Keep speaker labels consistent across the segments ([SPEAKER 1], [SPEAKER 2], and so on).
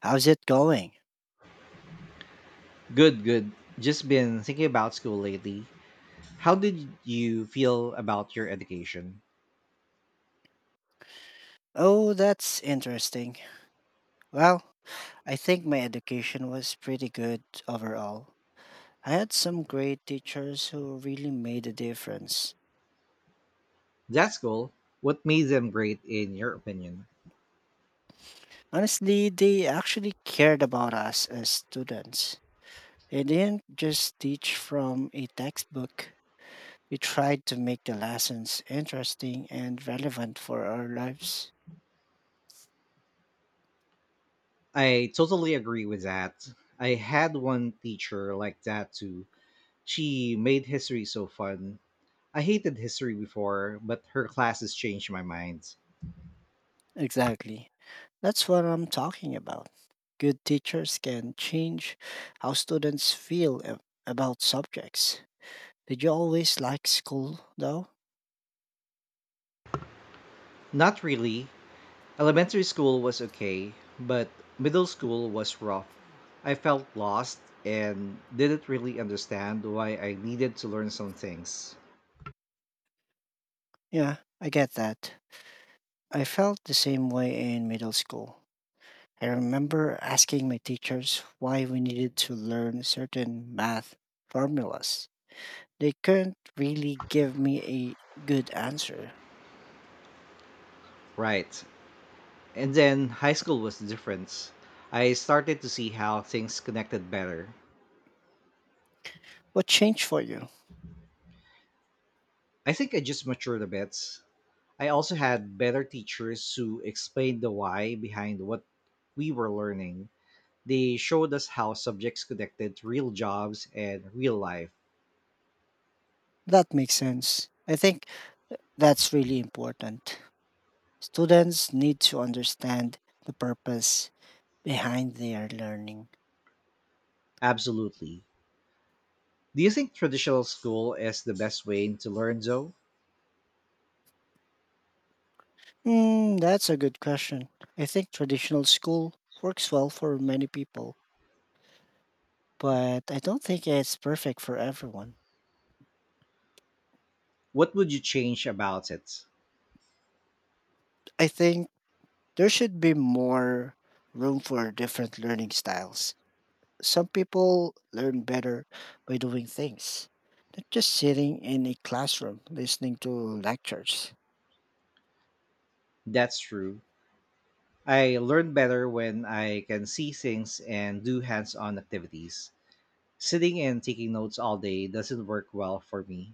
[SPEAKER 1] How's it going?
[SPEAKER 2] Good, good. Just been thinking about school lately. How did you feel about your education?
[SPEAKER 1] Oh, that's interesting. Well, I think my education was pretty good overall. I had some great teachers who really made a difference.
[SPEAKER 2] That school, what made them great in your opinion?
[SPEAKER 1] Honestly, they actually cared about us as students. They didn't just teach from a textbook, they tried to make the lessons interesting and relevant for our lives.
[SPEAKER 2] I totally agree with that. I had one teacher like that too. She made history so fun. I hated history before, but her classes changed my mind.
[SPEAKER 1] Exactly. That's what I'm talking about. Good teachers can change how students feel about subjects. Did you always like school, though?
[SPEAKER 2] Not really. Elementary school was okay, but middle school was rough. I felt lost and didn't really understand why I needed to learn some things.
[SPEAKER 1] Yeah, I get that. I felt the same way in middle school. I remember asking my teachers why we needed to learn certain math formulas. They couldn't really give me a good answer.
[SPEAKER 2] Right. And then high school was different. I started to see how things connected better.
[SPEAKER 1] What changed for you?
[SPEAKER 2] I think I just matured a bit. I also had better teachers who explained the why behind what we were learning. They showed us how subjects connected to real jobs and real life.
[SPEAKER 1] That makes sense. I think that's really important. Students need to understand the purpose behind their learning.
[SPEAKER 2] Absolutely. Do you think traditional school is the best way to learn though?
[SPEAKER 1] Hmm, that's a good question. I think traditional school works well for many people, but I don't think it's perfect for everyone.
[SPEAKER 2] What would you change about it?
[SPEAKER 1] I think there should be more room for different learning styles. Some people learn better by doing things, not just sitting in a classroom listening to lectures.
[SPEAKER 2] That's true. I learn better when I can see things and do hands on activities. Sitting and taking notes all day doesn't work well for me.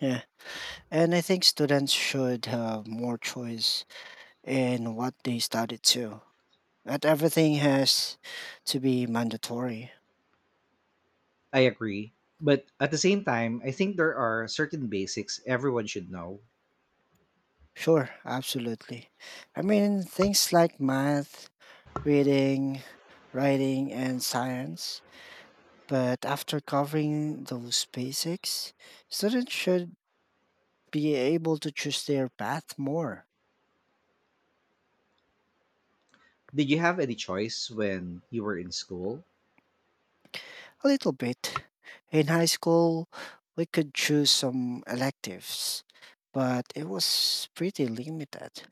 [SPEAKER 1] Yeah, and I think students should have more choice and what they studied too. Not everything has to be mandatory.
[SPEAKER 2] I agree. But at the same time, I think there are certain basics everyone should know.
[SPEAKER 1] Sure, absolutely. I mean, things like math, reading, writing, and science. But after covering those basics, students should be able to choose their path more,
[SPEAKER 2] Did you have any choice when you were in school?
[SPEAKER 1] a little bit. In high school, we could choose some electives, but it was pretty limited.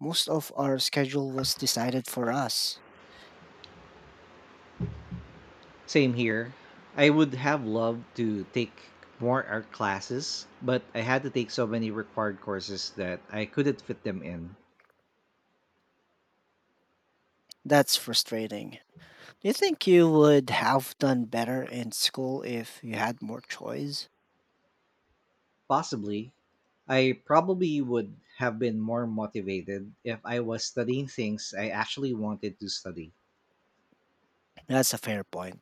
[SPEAKER 1] Most of our schedule was decided for us.
[SPEAKER 2] Same here. I would have loved to take more art classes, but I had to take so many required courses that I couldn't fit them in.
[SPEAKER 1] That's frustrating. Do you think you would have done better in school if you had more choice?
[SPEAKER 2] Possibly, I probably would have been more motivated if I was studying things I actually wanted to study.
[SPEAKER 1] That's a fair point.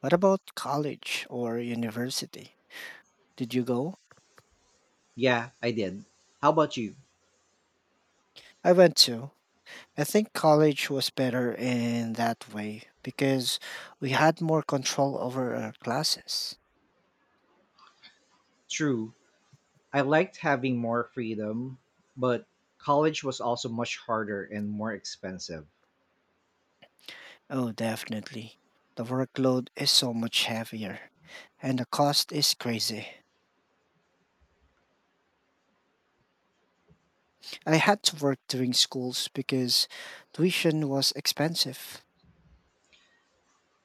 [SPEAKER 1] What about college or university? Did you go?
[SPEAKER 2] Yeah, I did. How about you?
[SPEAKER 1] I went to. I think college was better in that way because we had more control over our classes.
[SPEAKER 2] True, I liked having more freedom, but college was also much harder and more expensive.
[SPEAKER 1] Oh, definitely. The workload is so much heavier and the cost is crazy. I had to work during schools because tuition was expensive.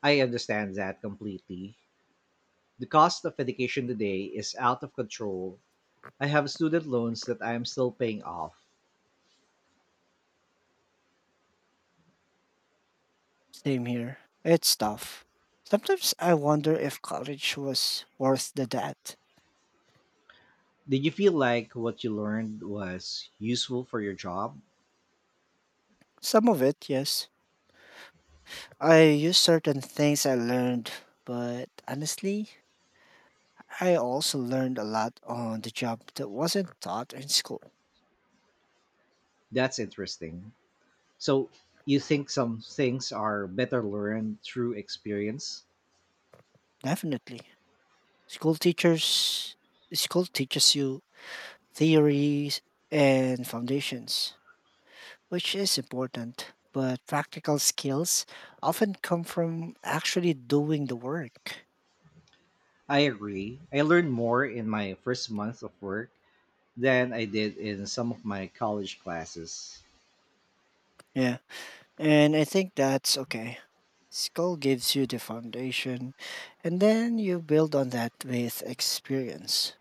[SPEAKER 2] I understand that completely. The cost of education today is out of control. I have student loans that I am still paying off.
[SPEAKER 1] Same here. It's tough. Sometimes I wonder if college was worth the debt.
[SPEAKER 2] Did you feel like what you learned was useful for your job?
[SPEAKER 1] Some of it, yes. I use certain things I learned, but honestly, I also learned a lot on the job that wasn't taught in school.
[SPEAKER 2] That's interesting. So, you think some things are better learned through experience?
[SPEAKER 1] Definitely. School teachers School teaches you theories and foundations which is important, but practical skills often come from actually doing the work.
[SPEAKER 2] I agree. I learned more in my first month of work than I did in some of my college classes.
[SPEAKER 1] Yeah, and I think that's okay. School gives you the foundation, and then you build on that with experience.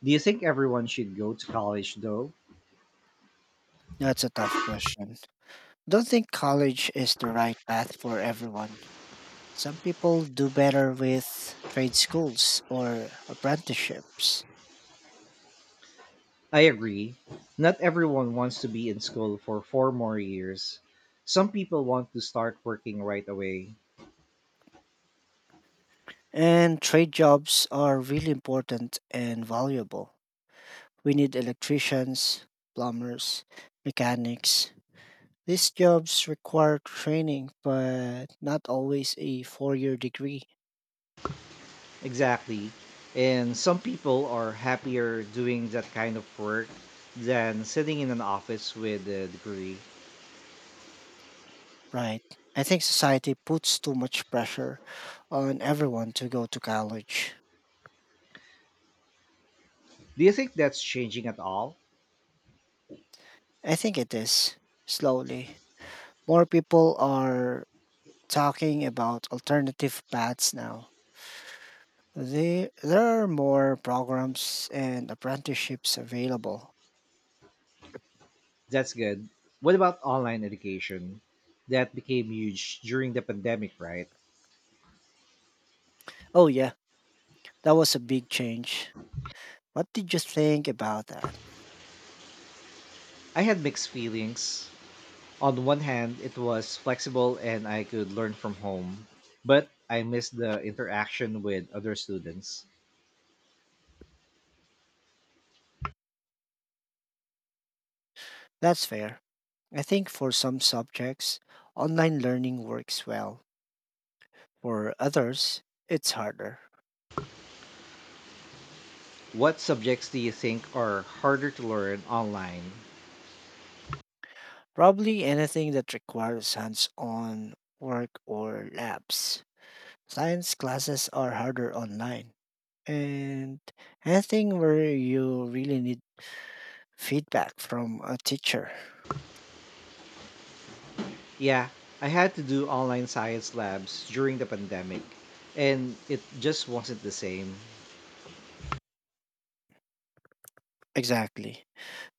[SPEAKER 2] Do you think everyone should go to college though?
[SPEAKER 1] That's a tough question. Don't think college is the right path for everyone. Some people do better with trade schools or apprenticeships,
[SPEAKER 2] I agree. Not everyone wants to be in school for 4 more years. Some people want to start working right away.
[SPEAKER 1] and trade jobs are really important and valuable. We need electricians, plumbers, mechanics. These jobs require training, but not always a 4-year degree,
[SPEAKER 2] Exactly. And some people are happier doing that kind of work than sitting in an office with a degree.
[SPEAKER 1] right? I think society puts too much pressure on everyone to go to college.
[SPEAKER 2] Do you think that's changing at all?
[SPEAKER 1] I think it is, slowly. More people are talking about alternative paths now. There are more programs and apprenticeships available.
[SPEAKER 2] That's good. What about online education? That became huge during the pandemic, right?
[SPEAKER 1] Oh, yeah, that was a big change. What did you think about that?
[SPEAKER 2] I had mixed feelings. On the one hand, it was flexible and I could learn from home, but I missed the interaction with other students.
[SPEAKER 1] That's fair. I think for some subjects, online learning works well. For others, it's harder.
[SPEAKER 2] What subjects do you think are harder to learn online?
[SPEAKER 1] Probably anything that requires hands on work or labs. Science classes are harder online. And anything where you really need feedback from a teacher.
[SPEAKER 2] Yeah, I had to do online science labs during the pandemic, and it just wasn't the same.
[SPEAKER 1] Exactly.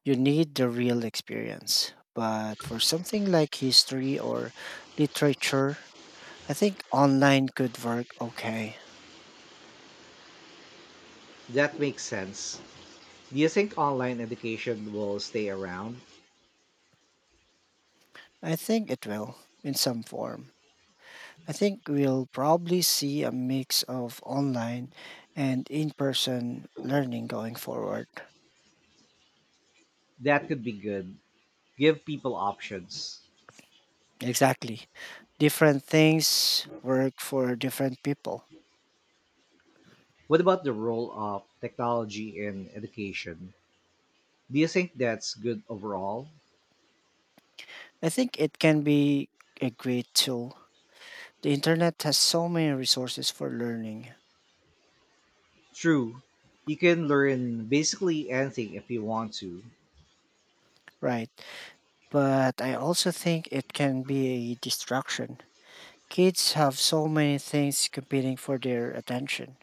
[SPEAKER 1] You need the real experience. But for something like history or literature, I think online could work okay.
[SPEAKER 2] That makes sense. Do you think online education will stay around?
[SPEAKER 1] I think it will in some form. I think we'll probably see a mix of online and in person learning going forward.
[SPEAKER 2] That could be good. Give people options.
[SPEAKER 1] Exactly. Different things work for different people.
[SPEAKER 2] What about the role of technology in education? Do you think that's good overall?
[SPEAKER 1] I think it can be a great tool. The internet has so many resources for learning,
[SPEAKER 2] True, you can learn basically anything if you want to.
[SPEAKER 1] right? But I also think it can be a distraction. Kids have so many things competing for their attention.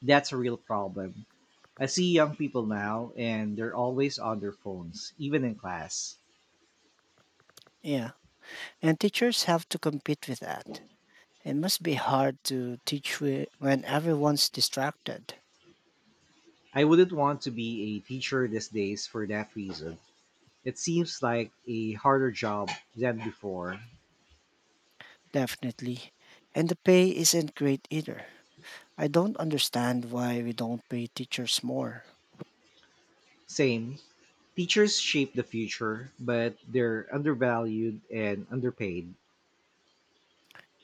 [SPEAKER 2] That's a real problem. I see young people now and they're always on their phones, even in class.
[SPEAKER 1] Yeah. And teachers have to compete with that. It must be hard to teach when everyone's distracted.
[SPEAKER 2] I wouldn't want to be a teacher these days for that reason. It seems like a harder job than before.
[SPEAKER 1] Definitely. And the pay isn't great either. I don't understand why we don't pay teachers more.
[SPEAKER 2] Same, teachers shape the future, but they're undervalued and underpaid.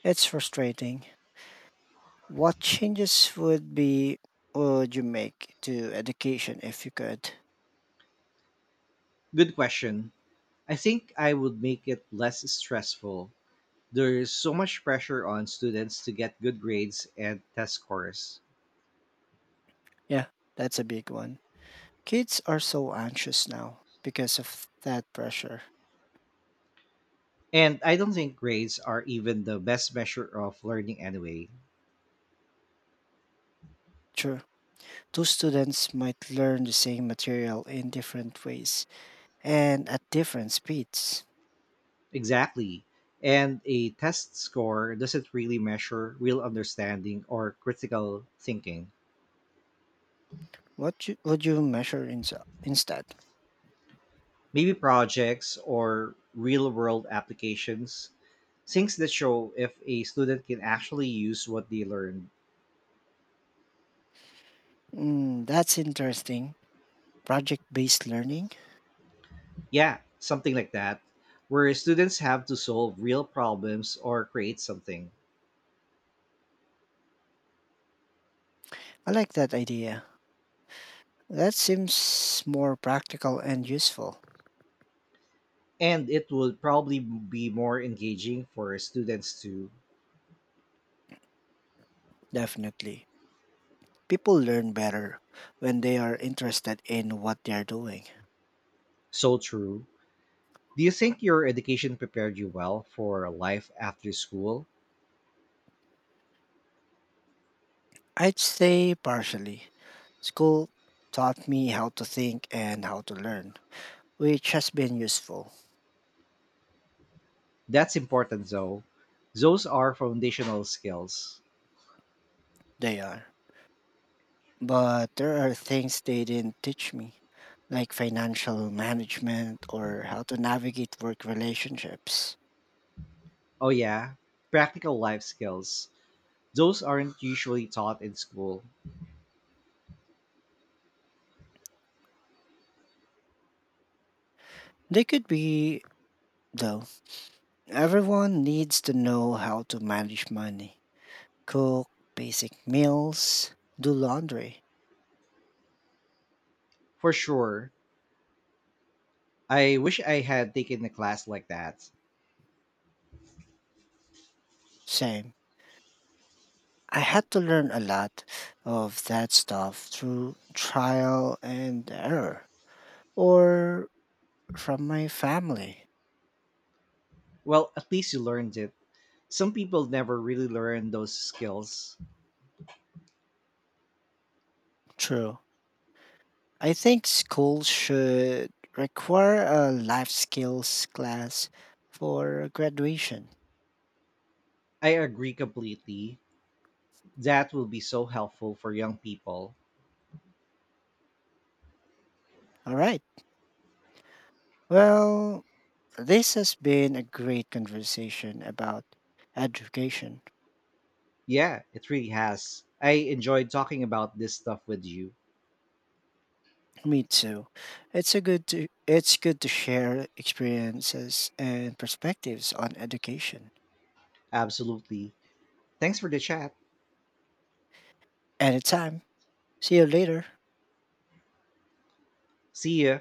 [SPEAKER 1] It's frustrating. What changes would you make to education if you could?
[SPEAKER 2] Good question. I think I would make it less stressful. There is so much pressure on students to get good grades and test scores.
[SPEAKER 1] Yeah, that's a big one. Kids are so anxious now because of that pressure.
[SPEAKER 2] And I don't think grades are even the best measure of learning anyway.
[SPEAKER 1] True. Two students might learn the same material in different ways and at different speeds.
[SPEAKER 2] Exactly. And a test score doesn't really measure real understanding or critical thinking.
[SPEAKER 1] Would you measure instead?
[SPEAKER 2] Maybe projects or real world applications, things that show if a student can actually use what they learned.
[SPEAKER 1] Mm, that's interesting. Project based learning?
[SPEAKER 2] Yeah, something like that, where students have to solve real problems or create something.
[SPEAKER 1] I like that idea. That seems more practical and useful.
[SPEAKER 2] And it would probably be more engaging for students to
[SPEAKER 1] Definitely. People learn better when they are interested in what they are doing.
[SPEAKER 2] so true. Do you think your education prepared you well for life after school?
[SPEAKER 1] I'd say partially. School taught me how to think and how to learn, which has been useful.
[SPEAKER 2] That's important though. Those are foundational skills.
[SPEAKER 1] They are. But there are things they didn't teach me, like financial management or how to navigate work relationships.
[SPEAKER 2] Oh yeah, practical life skills, those aren't usually taught in school.
[SPEAKER 1] They could be, though. Everyone needs to know how to manage money, cook basic meals, do laundry.
[SPEAKER 2] For sure, I wish I had taken a class like that.
[SPEAKER 1] Same. I had to learn a lot of that stuff through trial and error or from my family.
[SPEAKER 2] Well, at least you learned it. Some people never really learn those skills.
[SPEAKER 1] True. I think schools should require a life skills class for graduation.
[SPEAKER 2] I agree completely. That will be so helpful for young people.
[SPEAKER 1] All right. Well, this has been a great conversation about education.
[SPEAKER 2] Yeah, it really has. I enjoyed talking about this stuff with you.
[SPEAKER 1] Me too. It's good to share experiences and perspectives on education.
[SPEAKER 2] Absolutely. Thanks for the chat.
[SPEAKER 1] Anytime. See you later.
[SPEAKER 2] See ya.